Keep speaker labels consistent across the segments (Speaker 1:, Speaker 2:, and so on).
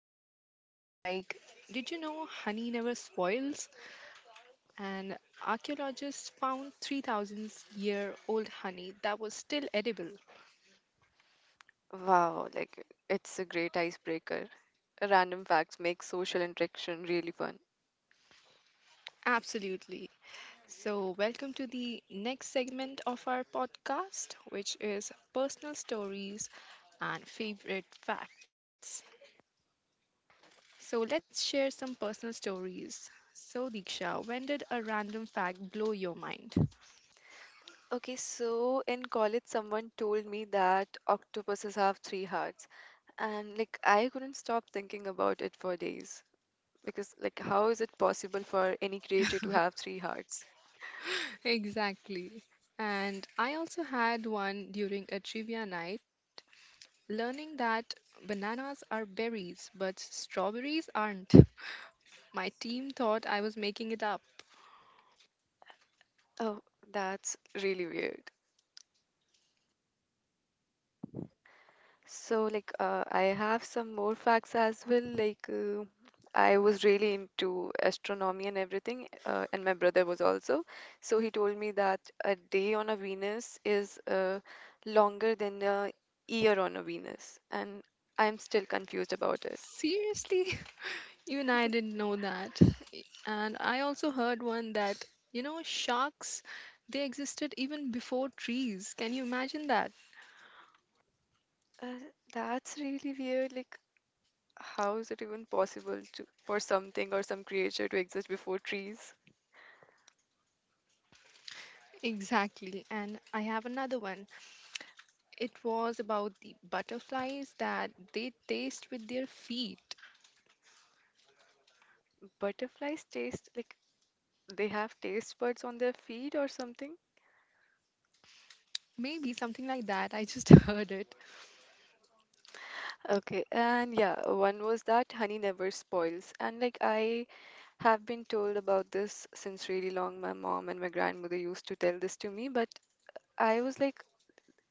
Speaker 1: conversations like, did you know honey never spoils? And archaeologists found 3,000 year old honey that was still edible.
Speaker 2: Wow, like it's a great icebreaker. Random facts make social interaction really fun.
Speaker 1: Absolutely. So, welcome to the next segment of our podcast, which is personal stories and favorite facts. So let's share some personal stories. So, Diksha, when did a random fact blow your mind?
Speaker 2: Okay, so in college, someone told me that octopuses have three hearts, and like I couldn't stop thinking about it for days because, like, how is it possible for any creature to have three hearts?
Speaker 1: Exactly. And I also had one during a trivia night, learning that bananas are berries, but strawberries aren't. My team thought I was making it up.
Speaker 2: Oh, that's really weird. So, like, I have some more facts as well. Like, I was really into astronomy and everything, and my brother was also. So, he told me that a day on a Venus is longer than a year on a Venus, and I'm still confused about it.
Speaker 1: Seriously? Even I didn't know that. And I also heard one that, you know, sharks, they existed even before trees. Can you imagine that?
Speaker 2: Uh, that's really weird. Like, how is it even possible to for something or some creature to exist before trees?
Speaker 1: Exactly. And I have another one. It was about the butterflies that they taste with their feet.
Speaker 2: Butterflies taste like they have taste buds on their feet or something?
Speaker 1: Maybe something like that. I just heard it.
Speaker 2: Okay, and yeah, one was that honey never spoils. And like I have been told about this since really long. My mom and my grandmother used to tell this to me, but I was like,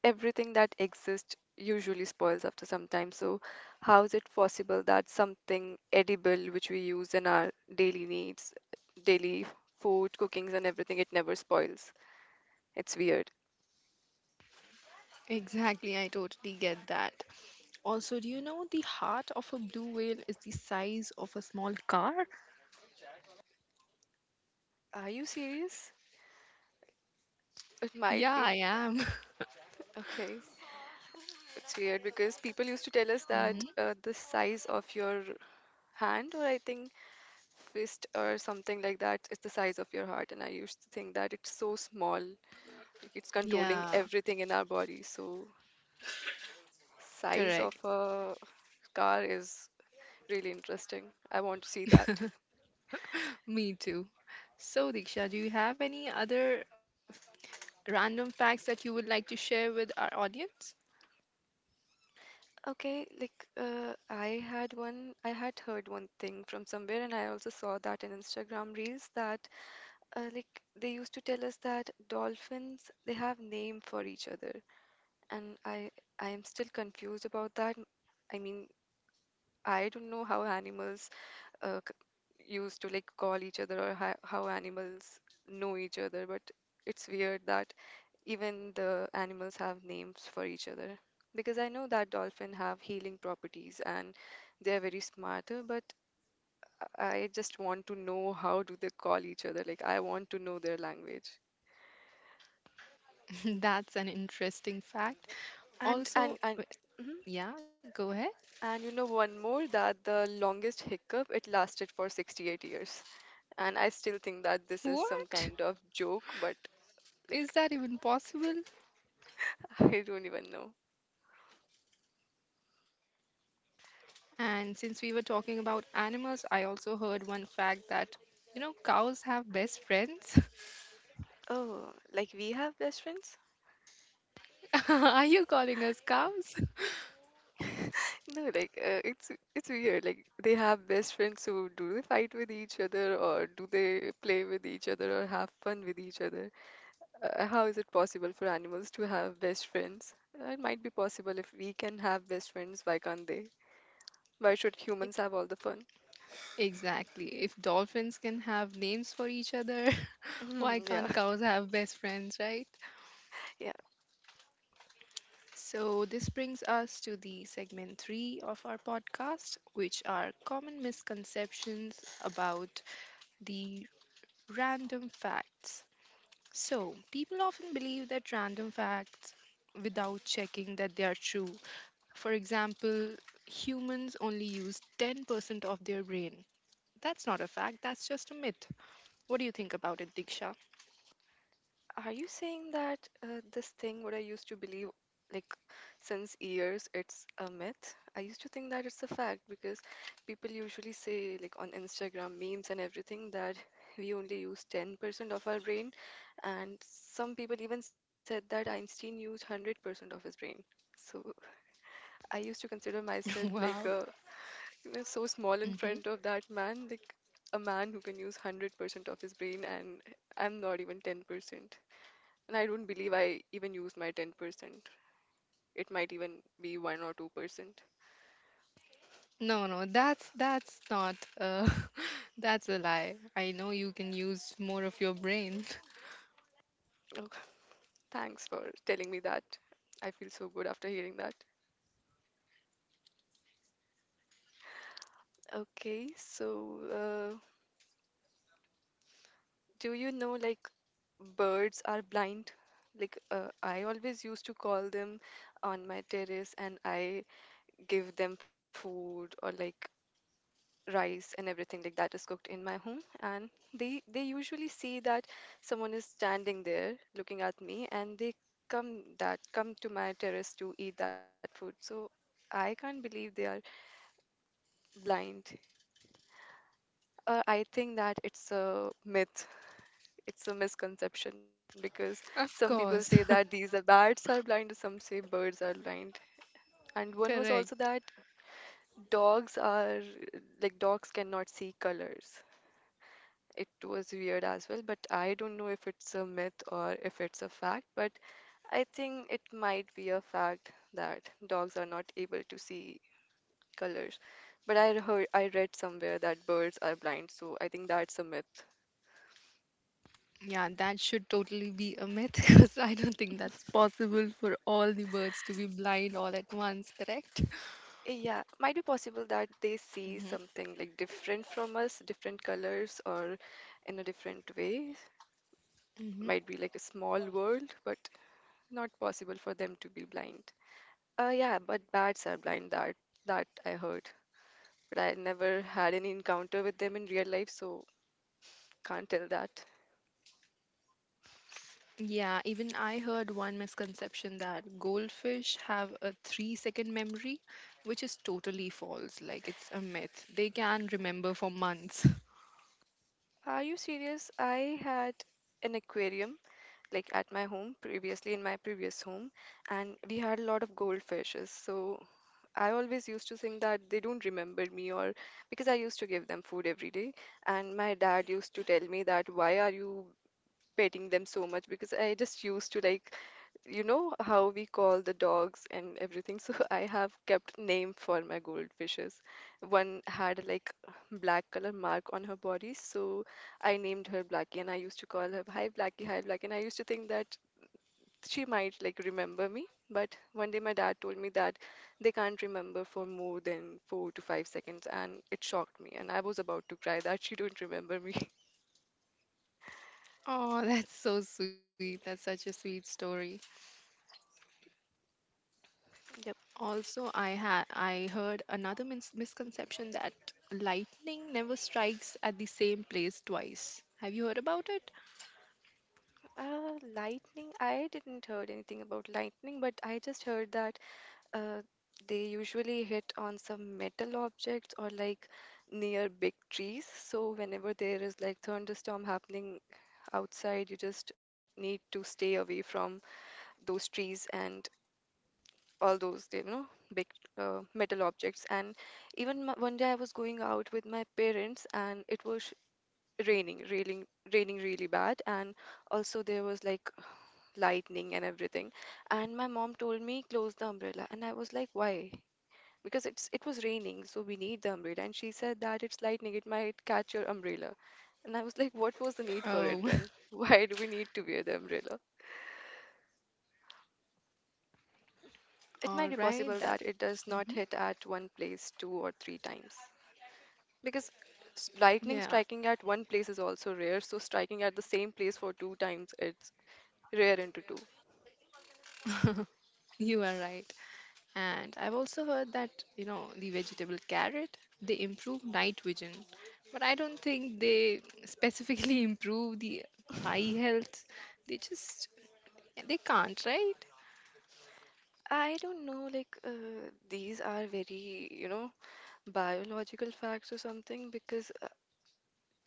Speaker 2: everything that exists usually spoils after some time. So how is it possible that something edible which we use in our daily needs, daily food, cookings and everything, it never spoils? It's weird.
Speaker 1: Exactly. I totally get that. Also, do you know the heart of a blue whale is the size of a small car?
Speaker 2: Are you serious? It might
Speaker 1: Yeah,
Speaker 2: be.
Speaker 1: I am.
Speaker 2: Okay. It's weird because people used to tell us that
Speaker 1: Hmm.
Speaker 2: the size of your hand, or I think fist or something like that, is the size of your heart. And I used to think that it's so small, like it's controlling
Speaker 1: Yeah,
Speaker 2: everything in our body. So, size of
Speaker 1: correct.
Speaker 2: a car is really interesting. I want to see that.
Speaker 1: Me too. So, Diksha, do you have any other random facts that you would like to share with our audience?
Speaker 2: Okay, like I had one, I had heard one thing from somewhere, and I also saw that in Instagram Reels that like they used to tell us that dolphins they have name for each other. And I am still confused about that. I mean, I don't know how animals used to like call each other or how animals know each other, but it's weird that even the animals have names for each other. Because I know that dolphins have healing properties and they're very smart, but I just want to know how do they call each other. Like I want to know their language.
Speaker 1: That's an interesting fact. Also,
Speaker 2: And mhm.
Speaker 1: yeah, go ahead.
Speaker 2: And you know, one more that the longest hiccup, it lasted for 68 years. And I still think that this is some kind
Speaker 1: What?
Speaker 2: of joke, but like,
Speaker 1: Is that even possible?
Speaker 2: I don't even know.
Speaker 1: And since we were talking about animals, I also heard one fact that, you know, cows have best friends.
Speaker 2: Oh, like we have best friends?
Speaker 1: Are you calling us cows?
Speaker 2: No, like it's weird. Like they have best friends, so do they fight with each other, or do they play with each other, or have fun with each other? How is it possible for animals to have best friends? It might be possible if we can have best friends, why can't they? Why should
Speaker 1: E-
Speaker 2: humans have all the fun?
Speaker 1: Exactly. If dolphins can have names for each other, why
Speaker 2: Mhm.
Speaker 1: can't
Speaker 2: Yeah,
Speaker 1: cows have best friends, right?
Speaker 2: yeah.
Speaker 1: So, this brings us to the segment three of our podcast, which are common misconceptions about the random facts. So, people often believe that random facts without checking that they are true. For example, humans only use 10% of their brain. That's not a fact, that's just a myth. What do you think about it, Diksha?
Speaker 2: Are you saying that this thing, what I used to believe, like since years, it's a myth? I used to think that it's a fact because people usually say, like on Instagram memes and everything, that we only use 10% of our brain, and some people even said that Einstein used 100% of his brain. So I used to consider myself like
Speaker 1: Wow.
Speaker 2: a, you know, so small in
Speaker 1: Hmm.
Speaker 2: front of that man, like a man who can use 100% of his brain, and I'm not even 10%. And I don't believe I even use my 10%. It might even be 1 or 2%.
Speaker 1: No, no, that's not that's a lie. I know you can use more of your brain.
Speaker 2: Okay. Thanks for telling me that. I feel so good after hearing that. Okay, so uh, do you know like birds are blind? Like I always used to call them on my terrace and I give them food or like rice and everything like that is cooked in my home and they usually see that someone is standing there looking at me and they come to my terrace to eat that food so I can't believe they are blind. I think that it's a myth. It's a misconception because some
Speaker 1: Of
Speaker 2: people say
Speaker 1: course.
Speaker 2: that these are bats are blind, some say birds are blind. And one was also
Speaker 1: Correct.
Speaker 2: that dogs are like dogs cannot see colors. It was weird as well, but I don't know if it's a myth or if it's a fact, but I think it might be a fact that dogs are not able to see colors. But I read somewhere that birds are blind, so I think that's a myth.
Speaker 1: Yeah, that should totally be a myth because I don't think that's possible for all the birds to be blind all at once, correct?
Speaker 2: Yeah, might be possible that they see
Speaker 1: Hmm.
Speaker 2: something like different from us, different colors, or in a different way.
Speaker 1: Hmm.
Speaker 2: Might be like a small world, but not possible for them to be blind. Yeah, but bats are blind. That I heard. But I never had any encounter with them in real life, so can't tell that.
Speaker 1: Yeah, even I heard one misconception that goldfish have a 3-second memory, which is totally false. Like, it's a myth. They can remember for months.
Speaker 2: Are you serious? I had an aquarium like at my home previously in my previous home and we had a lot of goldfishes so I always used to think that they don't remember me or because I used to give them food every day and my dad used to tell me that why are you petting them so much because I just used to like you know how we call the dogs and everything. So I have kept name for my goldfishes. One had like black color mark on her body, so I named her Blackie, and I used to call her Hi Blackie, Hi Blackie, and I used to think that she might like remember me. But one day my dad told me that they can't remember for more than four to five seconds, and it shocked me, and I was about to cry that she don't remember me.
Speaker 1: Oh, that's so sweet. That's such a sweet story.
Speaker 2: Yep.
Speaker 1: Also, I heard another misconception that lightning never strikes at the same place twice. Have you heard about it?
Speaker 2: Lightning. I didn't heard anything about lightning, but I just heard that Uh, they usually hit on some metal objects or like near big trees. So whenever there is like thunderstorm happening outside, you just need to stay away from those trees and all those, you know, big metal objects. And even m one day I was going out with my parents and it was raining, raining really bad. And also there was like lightning and everything. And my mom told me close the umbrella. And I was like, why? Because it was raining, so we need the umbrella. And she said that it's lightning, it might catch your umbrella. And I was like, what was the need for it
Speaker 1: Oh,
Speaker 2: then? Why do we need to wear the umbrella? It might
Speaker 1: all
Speaker 2: be
Speaker 1: right.
Speaker 2: possible
Speaker 1: That.
Speaker 2: that it does not
Speaker 1: Mhm.
Speaker 2: hit at one place two or three times. Because lightning
Speaker 1: Yeah,
Speaker 2: striking at one place is also rare, so striking at the same place for two times, it's rare into two.
Speaker 1: you are right. And I've also heard that, you know, the vegetable carrot, they improve night vision, but I don't think they specifically improve the eye health. They just they can't, right?
Speaker 2: I don't know, like, these are very, you know, biological facts or something because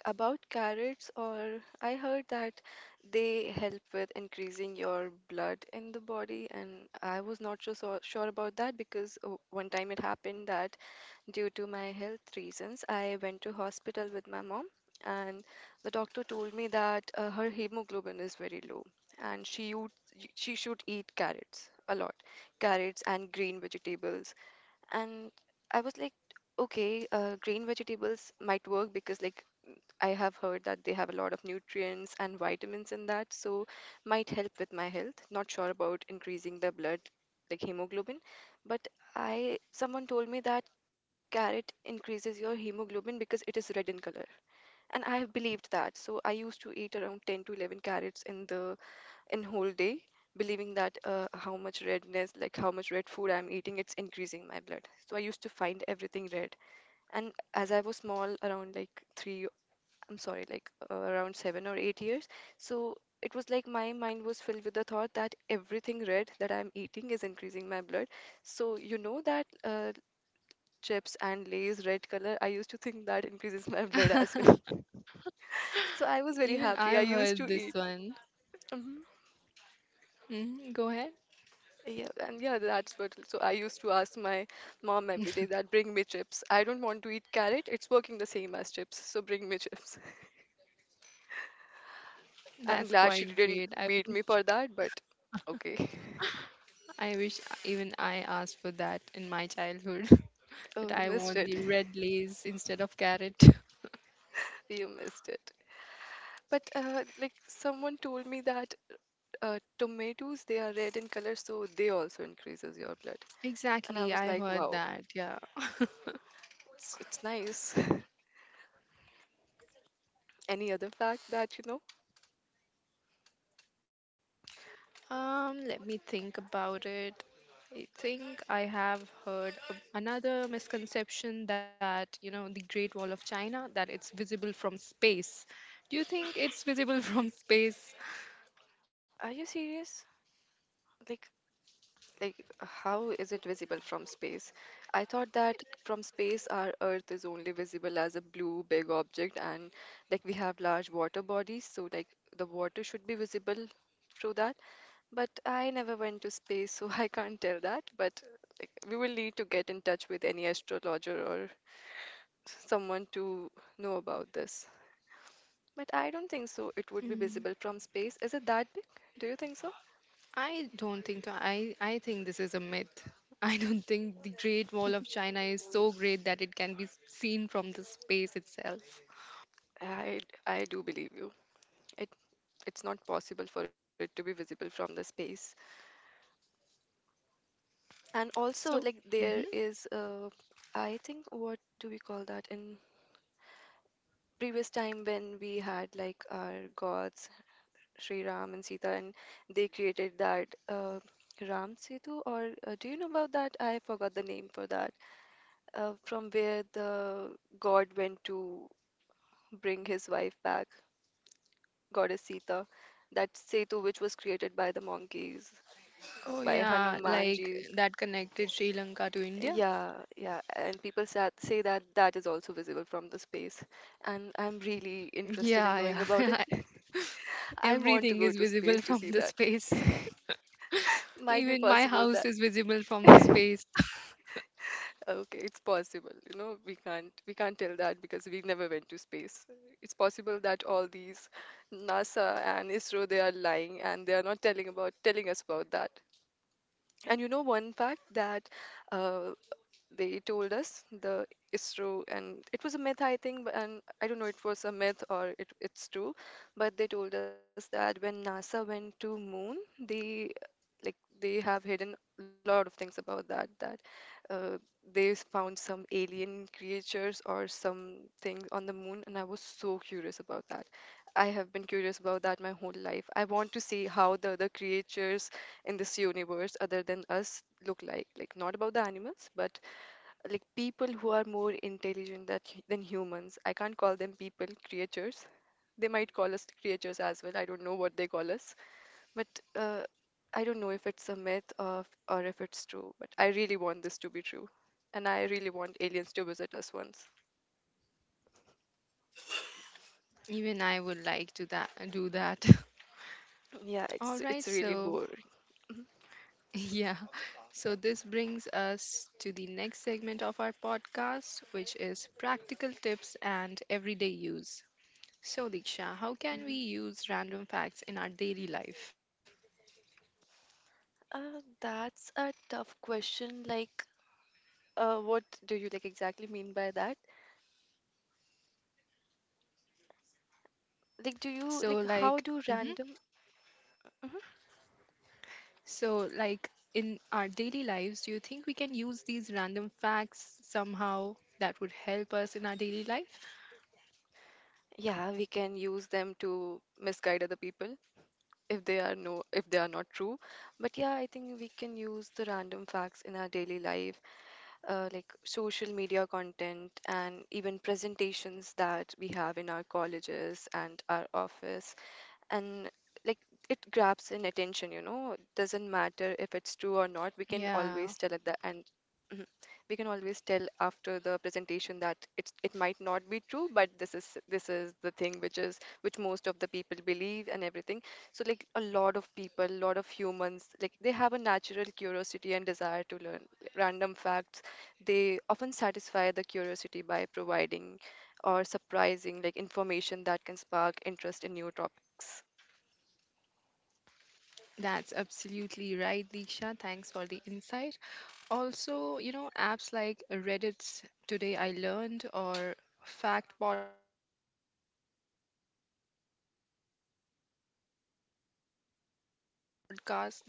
Speaker 2: about carrots, or I heard that they help with increasing your blood in the body, and I was not sure about that because one time it happened that due to my health reasons, I went to hospital with my mom, and the doctor told me that her hemoglobin is very low, and she should eat carrots a lot, carrots and green vegetables, and I was like, okay, green vegetables might work because like I have heard that they have a lot of nutrients and vitamins in that, so might help with my health. Not sure about increasing the blood, like hemoglobin, but I someone told me that carrot increases your hemoglobin because it is red in color, and I have believed that. So I used to eat around 10 to 11 carrots in the in whole day, believing that how much redness, like how much red food I'm eating, it's increasing my blood. So I used to find everything red, and as I was small, around like three I'm sorry, like around 7 or 8 years. So it was like my mind was filled with the thought that everything red that I'm eating is increasing my blood. So you know that chips and Lay's red color, I used to think that increases my blood as well. So I was very
Speaker 1: Even
Speaker 2: happy. I
Speaker 1: I've
Speaker 2: used
Speaker 1: heard
Speaker 2: to
Speaker 1: this
Speaker 2: eat.
Speaker 1: one.
Speaker 2: Hmm
Speaker 1: Hmm. Go ahead.
Speaker 2: Yeah, and yeah, that's what. So I used to ask my mom every day that bring me chips. I don't want to eat carrot. It's working the same as chips, so bring me chips. I'm
Speaker 1: That's
Speaker 2: glad she
Speaker 1: quite
Speaker 2: didn't
Speaker 1: great.
Speaker 2: beat me for that, but okay.
Speaker 1: I wish even I asked for that in my childhood.
Speaker 2: Oh,
Speaker 1: That
Speaker 2: you
Speaker 1: I
Speaker 2: missed
Speaker 1: want
Speaker 2: it.
Speaker 1: the red lace instead of carrot.
Speaker 2: You missed it. But like someone told me that tomatoes they are red in color, so they also increases your blood. And I
Speaker 1: Exactly,
Speaker 2: was
Speaker 1: I
Speaker 2: like,
Speaker 1: heard
Speaker 2: wow,
Speaker 1: that. Yeah.
Speaker 2: it's nice. Any other fact that you know?
Speaker 1: Um, let me think about it. I think I have heard of another misconception that you know the Great Wall of China, that it's visible from space. Do you think it's visible from space?
Speaker 2: Are you serious? Like like how is it visible from space? I thought that from space our Earth is only visible as a blue big object, and like we have large water bodies, so like the water should be visible through that. But I never went to space, so I can't tell that. But like, we will need to get in touch with any astrologer or someone to know about this. But I don't think so. It would be
Speaker 1: Mm.
Speaker 2: visible from space. Is it that big? Do you think so?
Speaker 1: I don't think so. I think this is a myth. I don't think the Great Wall of China is so great that it can be seen from the space itself.
Speaker 2: I I do believe you. It it's not possible for it to be visible from the space. And also,
Speaker 1: So,
Speaker 2: like
Speaker 1: mhm.
Speaker 2: there is I think what do we call that in previous time when we had like our gods Sri Ram and Sita, and they created that Ram Setu, or do you know about that? I forgot the name for that. From where the god went to bring his wife back, goddess Sita, that Setu which was created by the monkeys,
Speaker 1: Oh
Speaker 2: by
Speaker 1: yeah, like
Speaker 2: Hanumanji's.
Speaker 1: that connected Sri Lanka to India.
Speaker 2: Yeah, yeah, and people sa say that that is also visible from the space, and I'm really interested in
Speaker 1: Yeah,
Speaker 2: knowing about it.
Speaker 1: yeah.
Speaker 2: I want to
Speaker 1: Everything
Speaker 2: go
Speaker 1: is
Speaker 2: to space
Speaker 1: visible
Speaker 2: to
Speaker 1: from
Speaker 2: see
Speaker 1: the
Speaker 2: that.
Speaker 1: space.
Speaker 2: Might be
Speaker 1: Even my
Speaker 2: possible
Speaker 1: house is visible from the
Speaker 2: that.
Speaker 1: space.
Speaker 2: Okay, it's possible. You know, we can't tell that because we never went to space. It's possible that all these NASA and ISRO they are lying and they are not telling us about that. And you know one fact that uh, they told us the ISRO and it was a myth I think, and I don't know it was a myth or it's true, but they told us that when NASA went to moon, they like they have hidden a lot of things about that uh, found some alien creatures or something on the moon and I was so curious about that. I have been curious about that my whole life. I want to see how the other creatures in this universe other than us look like. Like not about the animals, but like people who are more intelligent than humans. I can't call them people, creatures. They might call us creatures as well. I don't know what they call us. But uh, I don't know if it's a myth, or if it's true, but I really want this to be true. And I really want aliens to visit us once.
Speaker 1: Even I would like to that do that.
Speaker 2: Yeah,
Speaker 1: All
Speaker 2: it's
Speaker 1: right,
Speaker 2: it's really
Speaker 1: so
Speaker 2: boring.
Speaker 1: yeah. So this brings us to the next segment of our podcast, which is practical tips and everyday use. So, Diksha, how can we use random facts in our daily life?
Speaker 2: That's a tough question. Like, what do you like exactly mean by that? Like, do you
Speaker 1: So,
Speaker 2: like how
Speaker 1: like,
Speaker 2: do
Speaker 1: hmm,
Speaker 2: random? Mhm.
Speaker 1: so, like, in our daily lives, do you think we can use these random facts somehow that would help us in our daily life?
Speaker 2: Yeah, we can use them to misguide other people if they are no if they are not true. But yeah, I think we can use the random facts in our daily life like social media content and even presentations that we have in our colleges and our office and like it grabs in attention, you know. Doesn't matter if it's true or not. We can
Speaker 1: Yeah,
Speaker 2: always tell at the end. Mhm. We can always tell after the presentation that it might not be true, but this is the thing which most of the people believe and everything. So like a lot of people, a lot of humans, like they have a natural curiosity and desire to learn random facts. They often satisfy the curiosity by providing or surprising like information that can spark interest in new topics.
Speaker 1: that's absolutely right, Diksha. Thanks for the insight. Also, you know, apps like Reddit's Today I Learned or Fact Podcast, they are great for learning as well.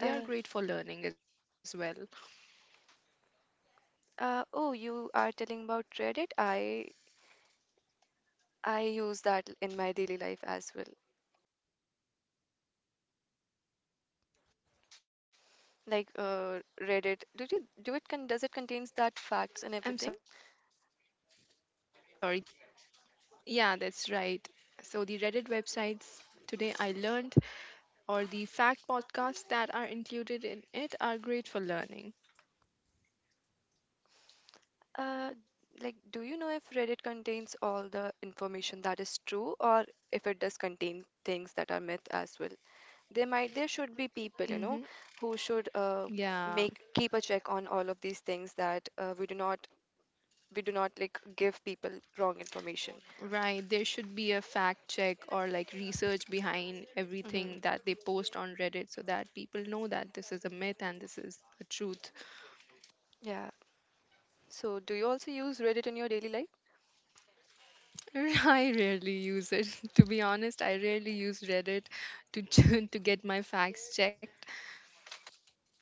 Speaker 2: Uh, oh, you are telling about Reddit. I use that in my daily life as well.
Speaker 1: I'm
Speaker 2: Like
Speaker 1: sorry, Diksha, am I
Speaker 2: Reddit, do
Speaker 1: audible?
Speaker 2: you do it con does it contains that facts and everything?
Speaker 1: Yeah, that's right. So the Reddit websites Today I Learned or the Fact Podcasts that are included in it are great for learning.
Speaker 2: Uh, like, do you know if Reddit contains all the information that is true, or if it does contain things that are myth as well? There should be people, you know,
Speaker 1: Mm-hmm.
Speaker 2: who should
Speaker 1: Yeah,
Speaker 2: make keep a check on all of these things that we do not like give people wrong information.
Speaker 1: right. There should be a fact check or like research behind
Speaker 2: Hmm.
Speaker 1: everything that they post on Reddit so that people know that this is a myth and this is the truth.
Speaker 2: Yeah. So, do you also use Reddit in your daily life?
Speaker 1: I rarely use it. To be honest, I rarely use Reddit to to get my facts checked.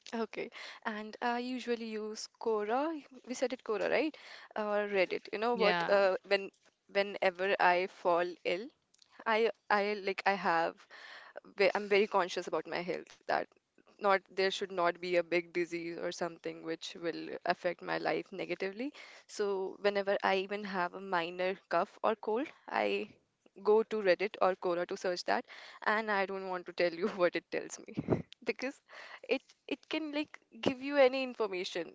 Speaker 2: Okay. And I usually use Quora. We said it Quora, right? Or Reddit. You know what?
Speaker 1: Yeah,
Speaker 2: Whenever I fall ill, I like I I'm very conscious about my health that not there should not be a big disease or something which will affect my life negatively. So whenever I even have a minor cough or cold, I go to Reddit or Quora to search that, and I don't want to tell you what it tells me because it can like give you any information.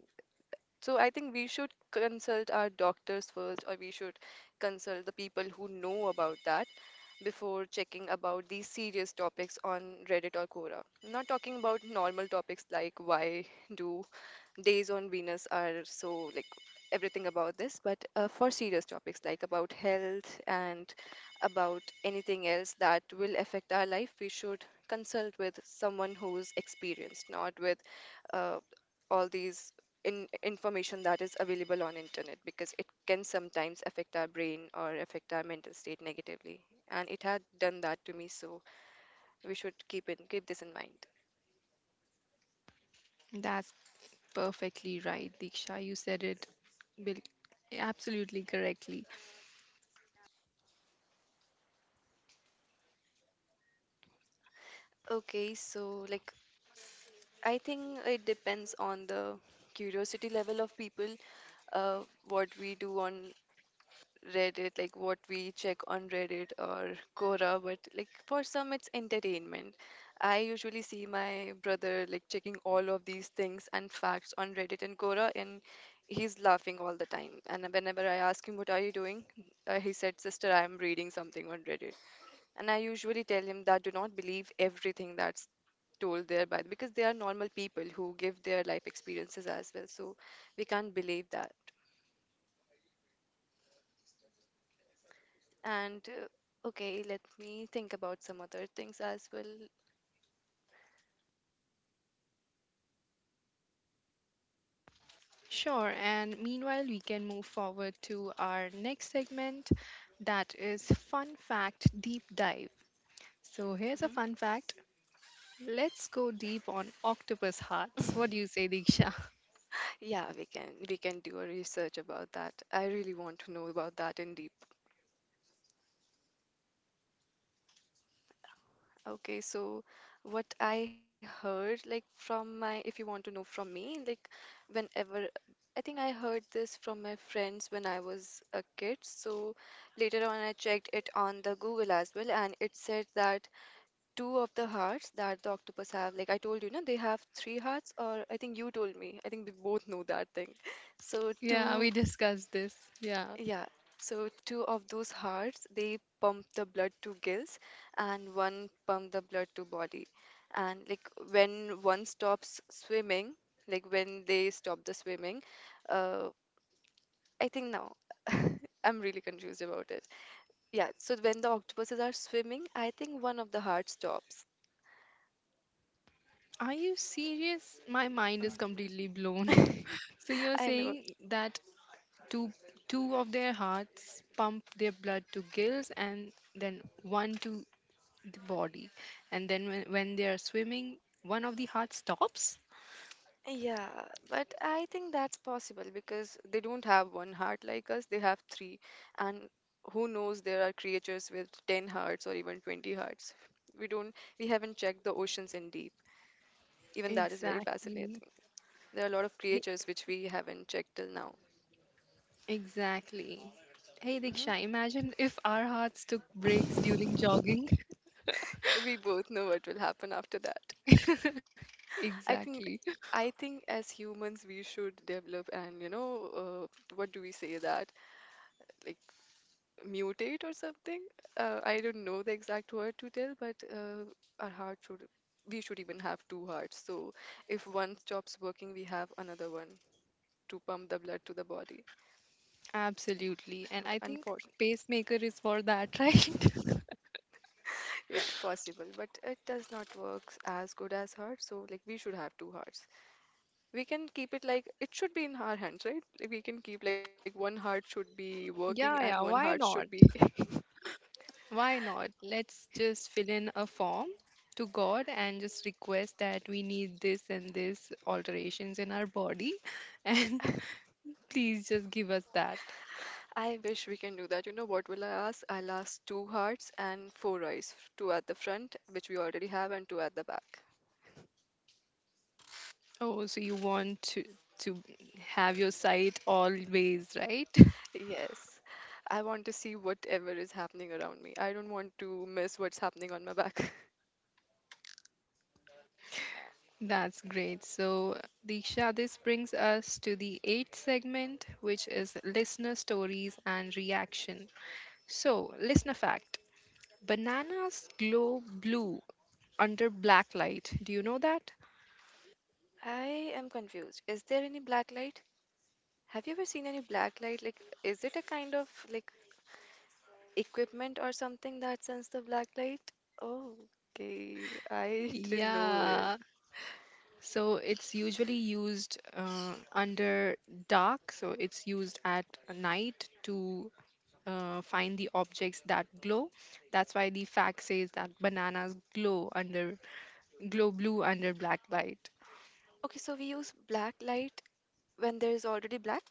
Speaker 2: So I think we should consult our doctors first, or we should consult the people who know about that before checking about these serious topics on Reddit or Quora. Not talking about normal topics like why do days on Venus are so like everything about this, but for serious topics like about health and about anything else that will affect our life, we should consult with someone who's experienced, not with uh, all these in information that is available on internet because it can sometimes affect our brain or affect our mental state negatively and it had done that to me so we should keep this in mind.
Speaker 1: that's perfectly right, Diksha. You said it bil- absolutely correctly.
Speaker 2: Okay, so like I think it depends on the curiosity level of people, uh, what we do on Reddit, like what we check on Reddit or Quora, but like for some it's entertainment. I usually see my brother like checking all of these things and facts on Reddit and Quora, and he's laughing all the time. And whenever I ask him, what are you doing? He said, sister, I am reading something on Reddit. And I usually tell him that do not believe everything that's told there by because they are normal people who give their life experiences as well. So we can't believe that. And okay, let me think about some other things as well.
Speaker 1: Sure, and meanwhile, we can move forward to our next segment, that is Fun Fact Deep Dive. So, here's a
Speaker 2: Mhm.
Speaker 1: fun fact. Let's go deep on octopus hearts. What do you say, Diksha?
Speaker 2: Yeah, we can do a research about that. I really want to know about that in deep. Okay, so what I heard like from my if you want to know from me, like whenever I think I heard this from my friends when I was a kid. So later on I checked it on the Google as well and it said that two of the hearts that the octopus have. Like I told you, no, they have three hearts, or I think you told me. I think we both know that thing. So
Speaker 1: Yeah, we
Speaker 2: two,
Speaker 1: discussed this. Yeah.
Speaker 2: yeah. So two of those hearts, they pump the blood to gills, and one pump the blood to body. And like when one stops swimming, like when they stop the swimming, uh, I think now. I'm really confused about it. Yeah, so when the octopuses are swimming, I think one of the hearts stops.
Speaker 1: Are you serious? My mind is completely blown.
Speaker 2: Mm.
Speaker 1: So you're
Speaker 2: I know.
Speaker 1: saying that two two of their hearts pump their blood to gills and then one to the body. And then when they are swimming, one of the heart stops?
Speaker 2: Yeah, but I think that's possible because they don't have one heart like us, they have three. And who knows, there are creatures with 10 hearts or even 20 hearts. We don't, we haven't checked the oceans in deep. Even that is very
Speaker 1: Exactly.
Speaker 2: fascinating. There are a lot of
Speaker 1: He-
Speaker 2: creatures which we haven't checked till now.
Speaker 1: Exactly. Hey
Speaker 2: Hmm.
Speaker 1: Diksha, imagine if our hearts took breaks during jogging.
Speaker 2: We both know what will happen after that. I
Speaker 1: Exactly.
Speaker 2: think, I think as humans, we should develop and, you know, what do we say that? Like, mutate or something. I don't know the exact word to tell, but our heart should, we should even have two hearts. So if one stops working, we have another one to pump the blood to the body.
Speaker 1: Absolutely. And I
Speaker 2: But
Speaker 1: think
Speaker 2: unfortunately,
Speaker 1: pacemaker is for that, right?
Speaker 2: yeah, possible. But it does not work as good as heart. So like we should have two hearts. We can keep it like it should be in our hands, right? Like, we can keep like one heart should be working and
Speaker 1: Yeah,
Speaker 2: one
Speaker 1: yeah,
Speaker 2: heart
Speaker 1: why
Speaker 2: should
Speaker 1: not?
Speaker 2: be
Speaker 1: Why not? Let's just fill in a form to God and just request that we need this and this alterations in our body, and please just give us that.
Speaker 2: I wish we can do that. You know, what will I ask? I'll ask two hearts and four eyes, two at the front, which we already have, and two at the back.
Speaker 1: Oh, so you want to have your sight always, right?
Speaker 2: Yes, I want to see whatever is happening around me. I don't want to miss what's happening on my back.
Speaker 1: That's great. So, Diksha, this brings us to the eighth segment, which is listener stories and reaction. So, listener fact. Bananas glow blue under black light. Do you know that?
Speaker 2: I am confused. Is there any black light? Have you ever seen any black light? Like, is it a kind of like equipment or something that sends the black light? Oh, okay, I didn't know it.
Speaker 1: Yeah. So it's usually used under dark. So it's used at night to find the objects that glow. That's why the fact says that bananas glow blue under black light.
Speaker 2: Okay. So we use black light when there is already black?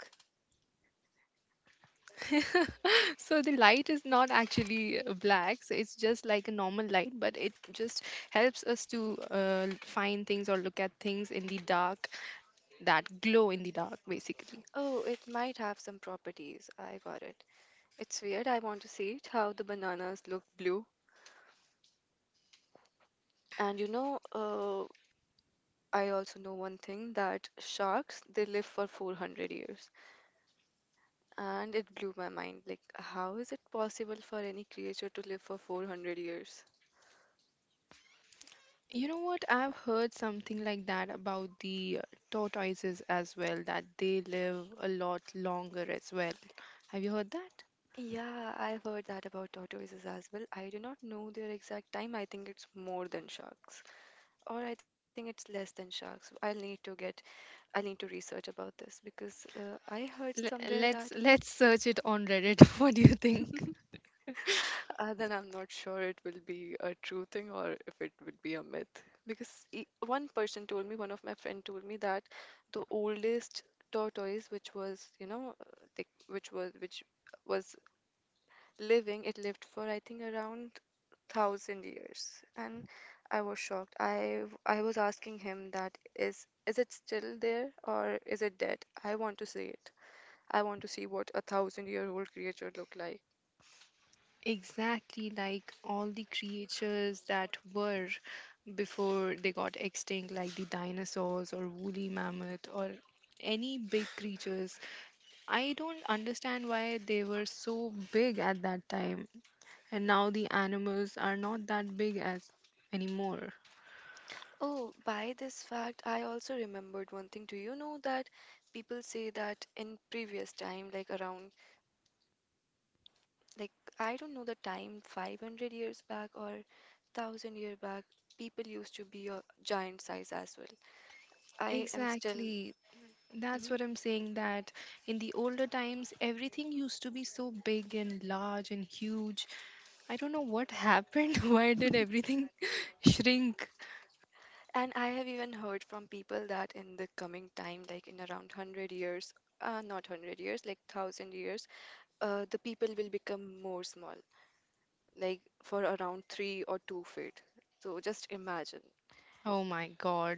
Speaker 1: So the light is not actually black. So it's just like a normal light, but it just helps us to find things or look at things in the dark that glow in the dark basically.
Speaker 2: Oh, it might have some properties. I got it. It's weird. I want to see it, how the bananas look blue. And you know, uh, I also know one thing that sharks, they live for 400 years. And it blew my mind. Like, how is it possible for any creature to live for 400 years?
Speaker 1: You know what, I've heard something like that about the tortoises as well, that they live a lot longer as well. Have you heard that?
Speaker 2: Yeah, I've heard that about tortoises as well. I do not know their exact time. I think it's more than sharks, or I think it's less than sharks. I'll need to research about this because I heard
Speaker 1: L-
Speaker 2: somewhere
Speaker 1: let's
Speaker 2: that
Speaker 1: let's search it on Reddit. What do you think?
Speaker 2: then I'm not sure it will be a true thing or if it would be a myth. Because one person told me, one of my friend told me that the oldest tortoise, which was, which was living, it lived for I think around 1000 years. And I was shocked. I was asking him that is it still there or is it dead? I want to see it. I want to see what a thousand year old creature looked like.
Speaker 1: Exactly, like all the creatures that were before they got extinct, like the dinosaurs or woolly mammoth or any big creatures. I don't understand why they were so big at that time. And now the animals are not that big as anymore.
Speaker 2: Oh, by this fact, I also remembered one thing. Do you know that people say that in previous time, like I don't know the time, 500 years back or 1000 year back, people used to be a giant size as well. I am still,
Speaker 1: Exactly. That's
Speaker 2: mhm,
Speaker 1: what I'm saying, that in the older times, everything used to be so big and large and huge. I don't know what happened. Why did everything shrink?
Speaker 2: and I have even heard from people that in the coming time, like in around 100 years, not 100 years, like 1000 years, the people will become more small, like for around 3 or 2 feet. So just imagine,
Speaker 1: Oh my god.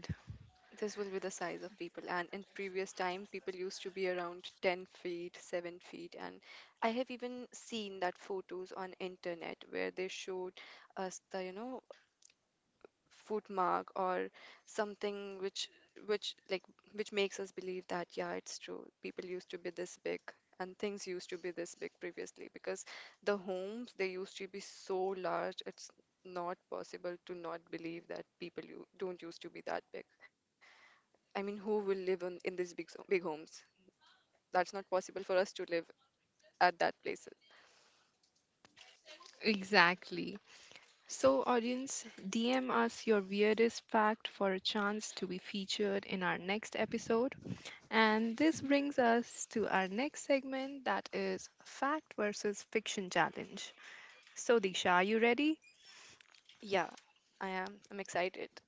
Speaker 2: this will be the size of people. And in previous time, people used to be around 10 feet, 7 feet. And I have even seen that photos on internet where they showed us the, footmark or something which, which like which makes us believe that, yeah, it's true, people used to be this big and things used to be this big previously because the homes, they used to be so large. It's not possible to not believe that people, you don't used to be that big. I mean, who will live in these big, big homes? That's not possible for us to live at that place.
Speaker 1: Exactly. So, audience, DM us your weirdest fact for a chance to be featured in our next episode. And this brings us to our next segment, that is fact versus fiction challenge. So, Disha, are you ready?
Speaker 2: Yeah, I'm excited.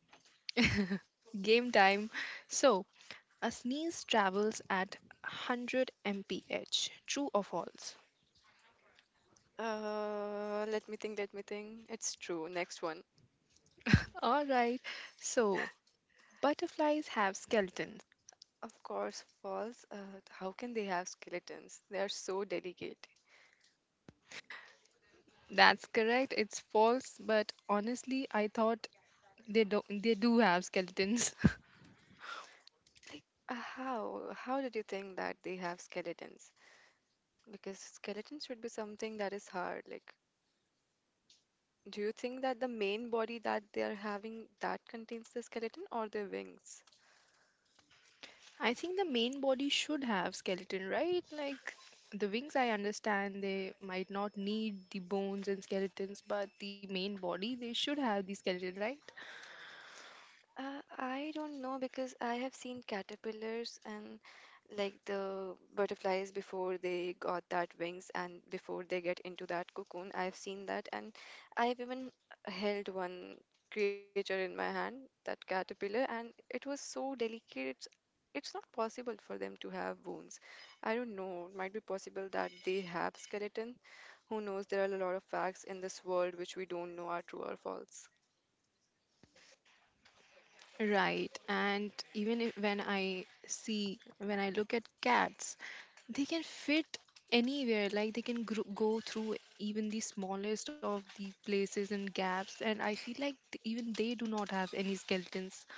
Speaker 1: Game time. So, a sneeze travels at 100 mph. True or false?
Speaker 2: Let me think, let me think. It's true, next one.
Speaker 1: All right. So, butterflies have skeletons.
Speaker 2: Of course, falls. How can they have skeletons? They are so delicate.
Speaker 1: That's correct. It's false, but honestly, I thought they do have skeletons.
Speaker 2: Like, how? How did you think that they have skeletons? Because skeletons should be something that is hard. Like, do you think that the main body that they are having, that contains the skeleton, or the wings?
Speaker 1: I think the main body should have skeleton, right? Like the wings, I understand they might not need the bones and skeletons, but the main body, they should have the skeleton, right?
Speaker 2: I don't know because I have seen caterpillars and like the butterflies before they got that wings and before they get into that cocoon. I've seen that, and I've even held one creature in my hand, that caterpillar, and it was so delicate. It's not possible for them to have wounds. I don't know. It might be possible that they have skeleton. Who knows? There are a lot of facts in this world which we don't know are true or false.
Speaker 1: Right. And even if, when I see, when I look at cats, they can fit anywhere. Like they can go through even the smallest of the places and gaps. And I feel like even they do not have any skeletons.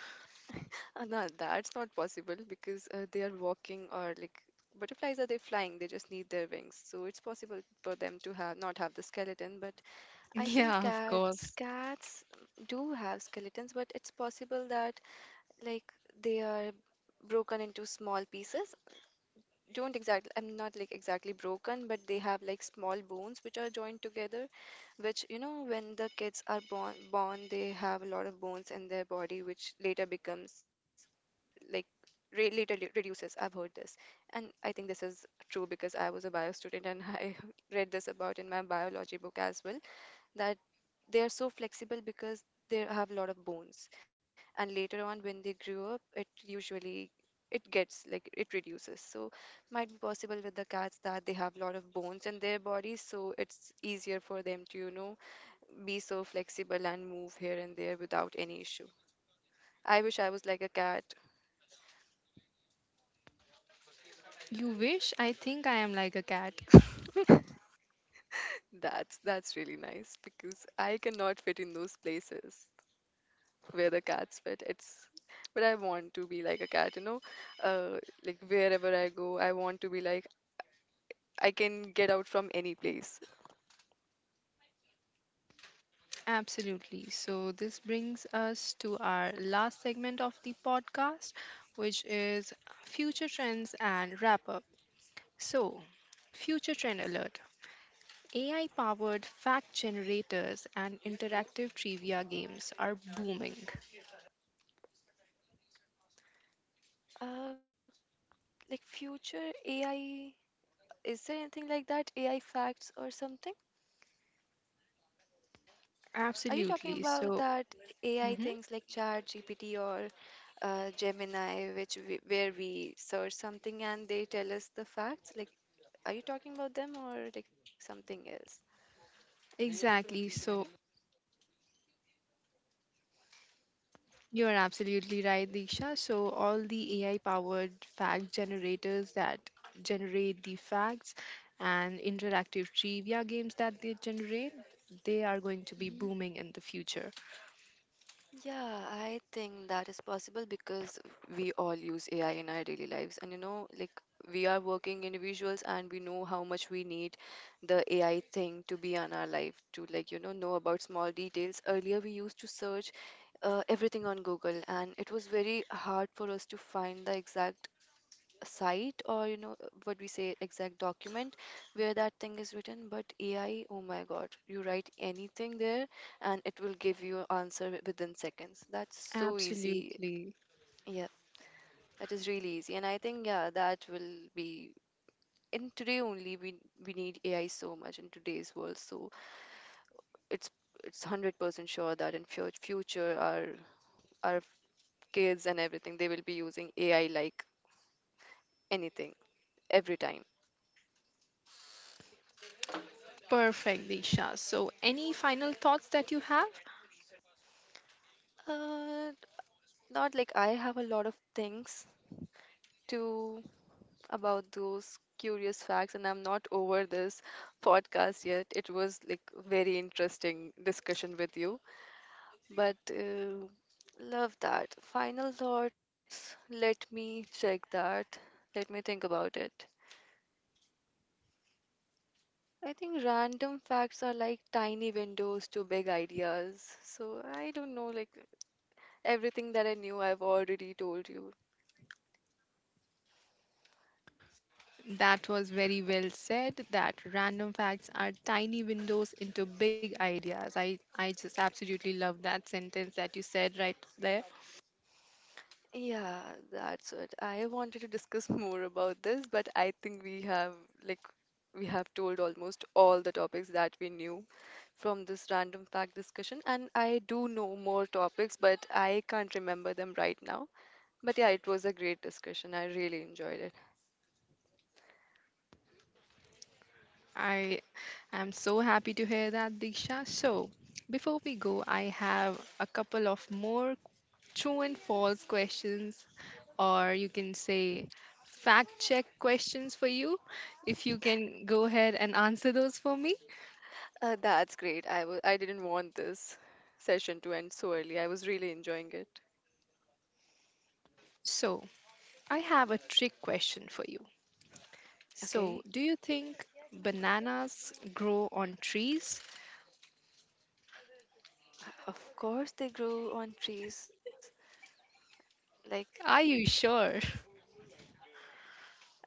Speaker 2: No, that's not possible because they are walking, or like butterflies, are they flying? They just need their wings, so it's possible for them to have not have the skeleton. But I think
Speaker 1: Yeah, of
Speaker 2: cats
Speaker 1: course.
Speaker 2: cats do have skeletons, but it's possible that, like, they are broken into small pieces. Don't exactly, I'm not like exactly broken, but they have like small bones which are joined together, which, you know, when the kids are born they have a lot of bones in their body which later becomes like literally reduces. I've heard this, and I think this is true because I was a bio student and I read this about in my biology book as well, that they are so flexible because they have a lot of bones, and later on when they grew up, it usually, it gets like, it reduces. So might be possible with the cats that they have a lot of bones in their bodies, so it's easier for them to, you know, be so flexible and move here and there without any issue. I wish I was like a cat.
Speaker 1: You wish? I think I am like a cat.
Speaker 2: That's really nice because I cannot fit in those places where the cats fit. It's, but I want to be like a cat, you know. Uh, like wherever I go, I want to be like I can get out from any place.
Speaker 1: Absolutely. So, this brings us to our last segment of the podcast, which is future trends and wrap up. So, future trend alert, AI powered fact generators and interactive trivia games are booming.
Speaker 2: Uh, like future AI, is there anything like that? AI facts or something? Are you talking
Speaker 1: Absolutely.
Speaker 2: about
Speaker 1: So,
Speaker 2: that AI
Speaker 1: mhm,
Speaker 2: things like Chat GPT or Gemini, which we, where we search something and they tell us the facts? Like, are you talking about them or like something else?
Speaker 1: exactly. So, you're absolutely right, Diksha. So, all the AI powered fact generators that generate the facts and interactive trivia games that they generate, they are going to be booming in the future.
Speaker 2: Yeah, I think that is possible because we all use AI in our daily lives. And you know, like, we are working individuals and we know how much we need the AI thing to be on our life, to like, you know about small details. Earlier, we used to search everything on Google and it was very hard for us to find the exact site, or you know, what we say, exact document where that thing is written. But AI, oh my god, you write anything there and it will give you answer within seconds. That's so easy.
Speaker 1: Absolutely.
Speaker 2: Yeah, that is really easy, and I think, yeah, that will be, in today only we need AI so much in today's world, so it's it's 100% sure that in future our kids and everything, they will be using AI like anything, every time.
Speaker 1: Perfect, Diksha. So, any final thoughts that you have?
Speaker 2: Uh, not like I have a lot of things to about those curious facts, and I'm not over this podcast yet. It was like very interesting discussion with you, but love that. Final thoughts. Let me check that. Let me think about it. I think random facts are like tiny windows to big ideas. So I don't know, like, everything that I knew, I've already told you.
Speaker 1: That was very well said, that random facts are tiny windows into big ideas. I just absolutely love that sentence that you said right there.
Speaker 2: Yeah, that's it. I wanted to discuss more about this, but I think we have, like, we have told almost all the topics that we knew from this random fact discussion, and I do know more topics, but I can't remember them right now. But yeah, it was a great discussion. I really enjoyed it.
Speaker 1: I am so happy to hear that, Diksha. So, before we go, I have a couple of more true and false questions, or you can say fact check questions for you. If you can go ahead and answer those for me.
Speaker 2: That's great. I didn't want this session to end so early. I was really enjoying it.
Speaker 1: So, I have a trick question for you. So,
Speaker 2: Okay.
Speaker 1: do you think bananas grow on trees?
Speaker 2: Of course they grow on trees. Like,
Speaker 1: Are you sure?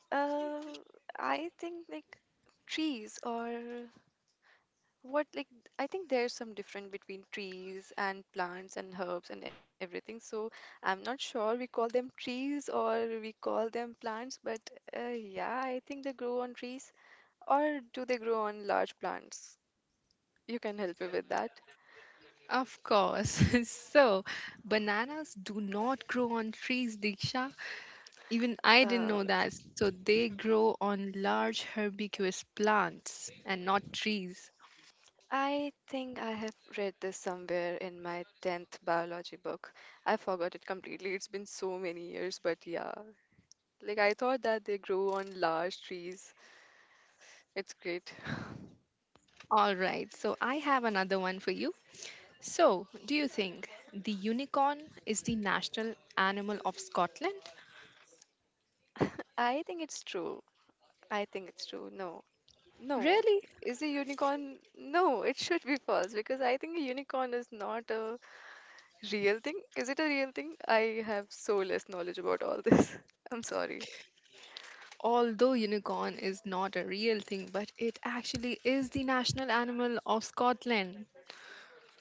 Speaker 2: uh, I think like, trees or what, like, I think there's some difference between trees and plants and herbs and everything. So I'm not sure we call them trees or we call them plants, but yeah, I think they grow on trees, or do they grow on large plants? You can help me with that.
Speaker 1: Of course. So, bananas do not grow on trees, Diksha. Even I didn't
Speaker 2: Uh,
Speaker 1: know that. So they grow on large herbaceous plants and not trees.
Speaker 2: I think I have read this somewhere in my 10th biology book. I forgot it completely. It's been so many years, but yeah, like I thought that they grow on large trees. It's great.
Speaker 1: All right. So I have another one for you. So, do you think the unicorn is the national animal of Scotland?
Speaker 2: I think it's true. I think it's true. No. No.
Speaker 1: Really?
Speaker 2: Is a unicorn? No, it should be false because I think a unicorn is not a real thing. Is it a real thing? I have so less knowledge about all this. I'm sorry.
Speaker 1: Although unicorn is not a real thing, but it actually is the national animal of Scotland.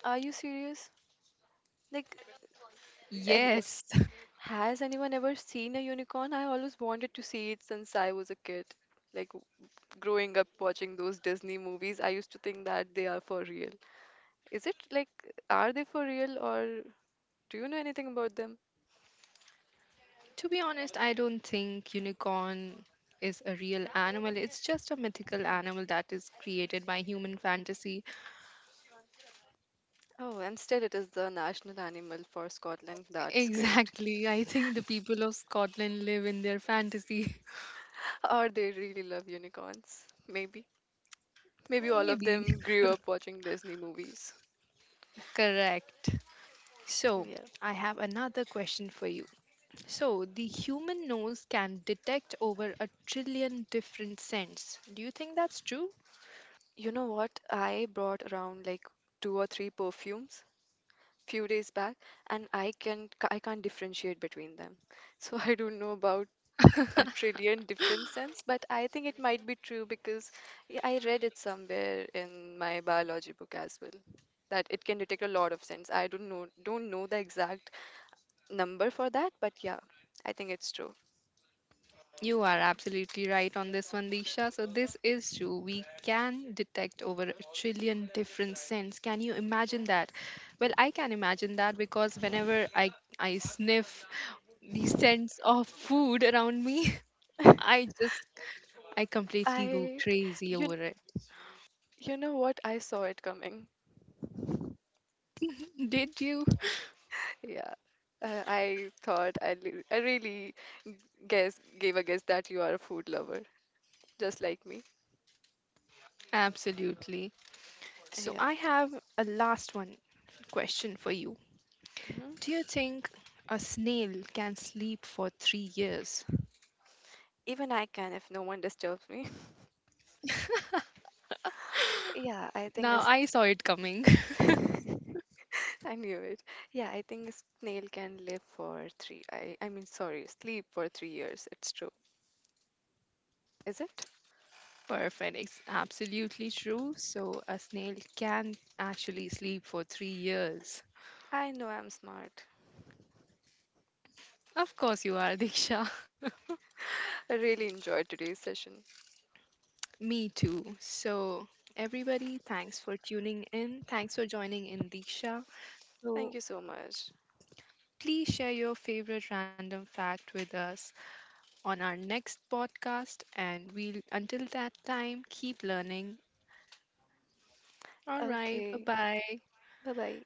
Speaker 2: Are you serious? Like, any,
Speaker 1: Yes.
Speaker 2: has anyone ever seen a unicorn? I always wanted to see it since I was a kid. Like, growing up watching those Disney movies, I used to think that they are for real. Is it like, are they for real, or do you know anything about them?
Speaker 1: To be honest, I don't think unicorn is a real animal. It's just a mythical animal that is created by human fantasy.
Speaker 2: Oh, instead it is the national animal for Scotland. That's great.
Speaker 1: Exactly. I think the people of Scotland live in their fantasy.
Speaker 2: Or they really love unicorns. Maybe. Maybe all of
Speaker 1: Maybe.
Speaker 2: them grew up watching Disney movies.
Speaker 1: Correct. So,
Speaker 2: Yeah.
Speaker 1: I have another question for you. So, the human nose can detect over a trillion different scents. Do you think that's true?
Speaker 2: You know what? I brought around like two or three perfumes few days back, and I can, I can't differentiate between them. So I don't know about a trillion different sense, but I think it might be true because I read it somewhere in my biology book as well, that it can detect a lot of sense. I don't know the exact number for that, but yeah, I think it's true.
Speaker 1: You are absolutely right on this one, Disha. So, this is true. We can detect over a trillion different scents. Can you imagine that? Well, I can imagine that because whenever I sniff the scents of food around me, I just, I completely go
Speaker 2: I
Speaker 1: crazy
Speaker 2: you
Speaker 1: over it.
Speaker 2: you know what? I saw it coming.
Speaker 1: Did you?
Speaker 2: Yeah. I thought I, I really g- guess gave a guess that you are a food lover, just like me.
Speaker 1: Absolutely. So,
Speaker 2: Yeah.
Speaker 1: I have a last one question for you.
Speaker 2: Hmm.
Speaker 1: Do you think a snail can sleep for 3 years?
Speaker 2: Even I can if no one disturbs me. Yeah, I think
Speaker 1: Now,
Speaker 2: it's
Speaker 1: I saw it coming.
Speaker 2: I knew it. Yeah, I think a snail can live for three. Sorry, sleep for 3 years. It's true, is it?
Speaker 1: Perfect. It's absolutely true. So a snail can actually sleep for 3 years.
Speaker 2: I know I'm smart.
Speaker 1: Of course you are, Diksha.
Speaker 2: I really enjoyed today's session.
Speaker 1: Me too. So everybody, thanks for tuning in. Thanks for joining in, Diksha.
Speaker 2: Thank
Speaker 1: So
Speaker 2: you so much.
Speaker 1: please share your favorite random fact with us on our next podcast. And we'll until that time, keep learning. All right. Bye
Speaker 2: Okay,
Speaker 1: bye.
Speaker 2: bye bye.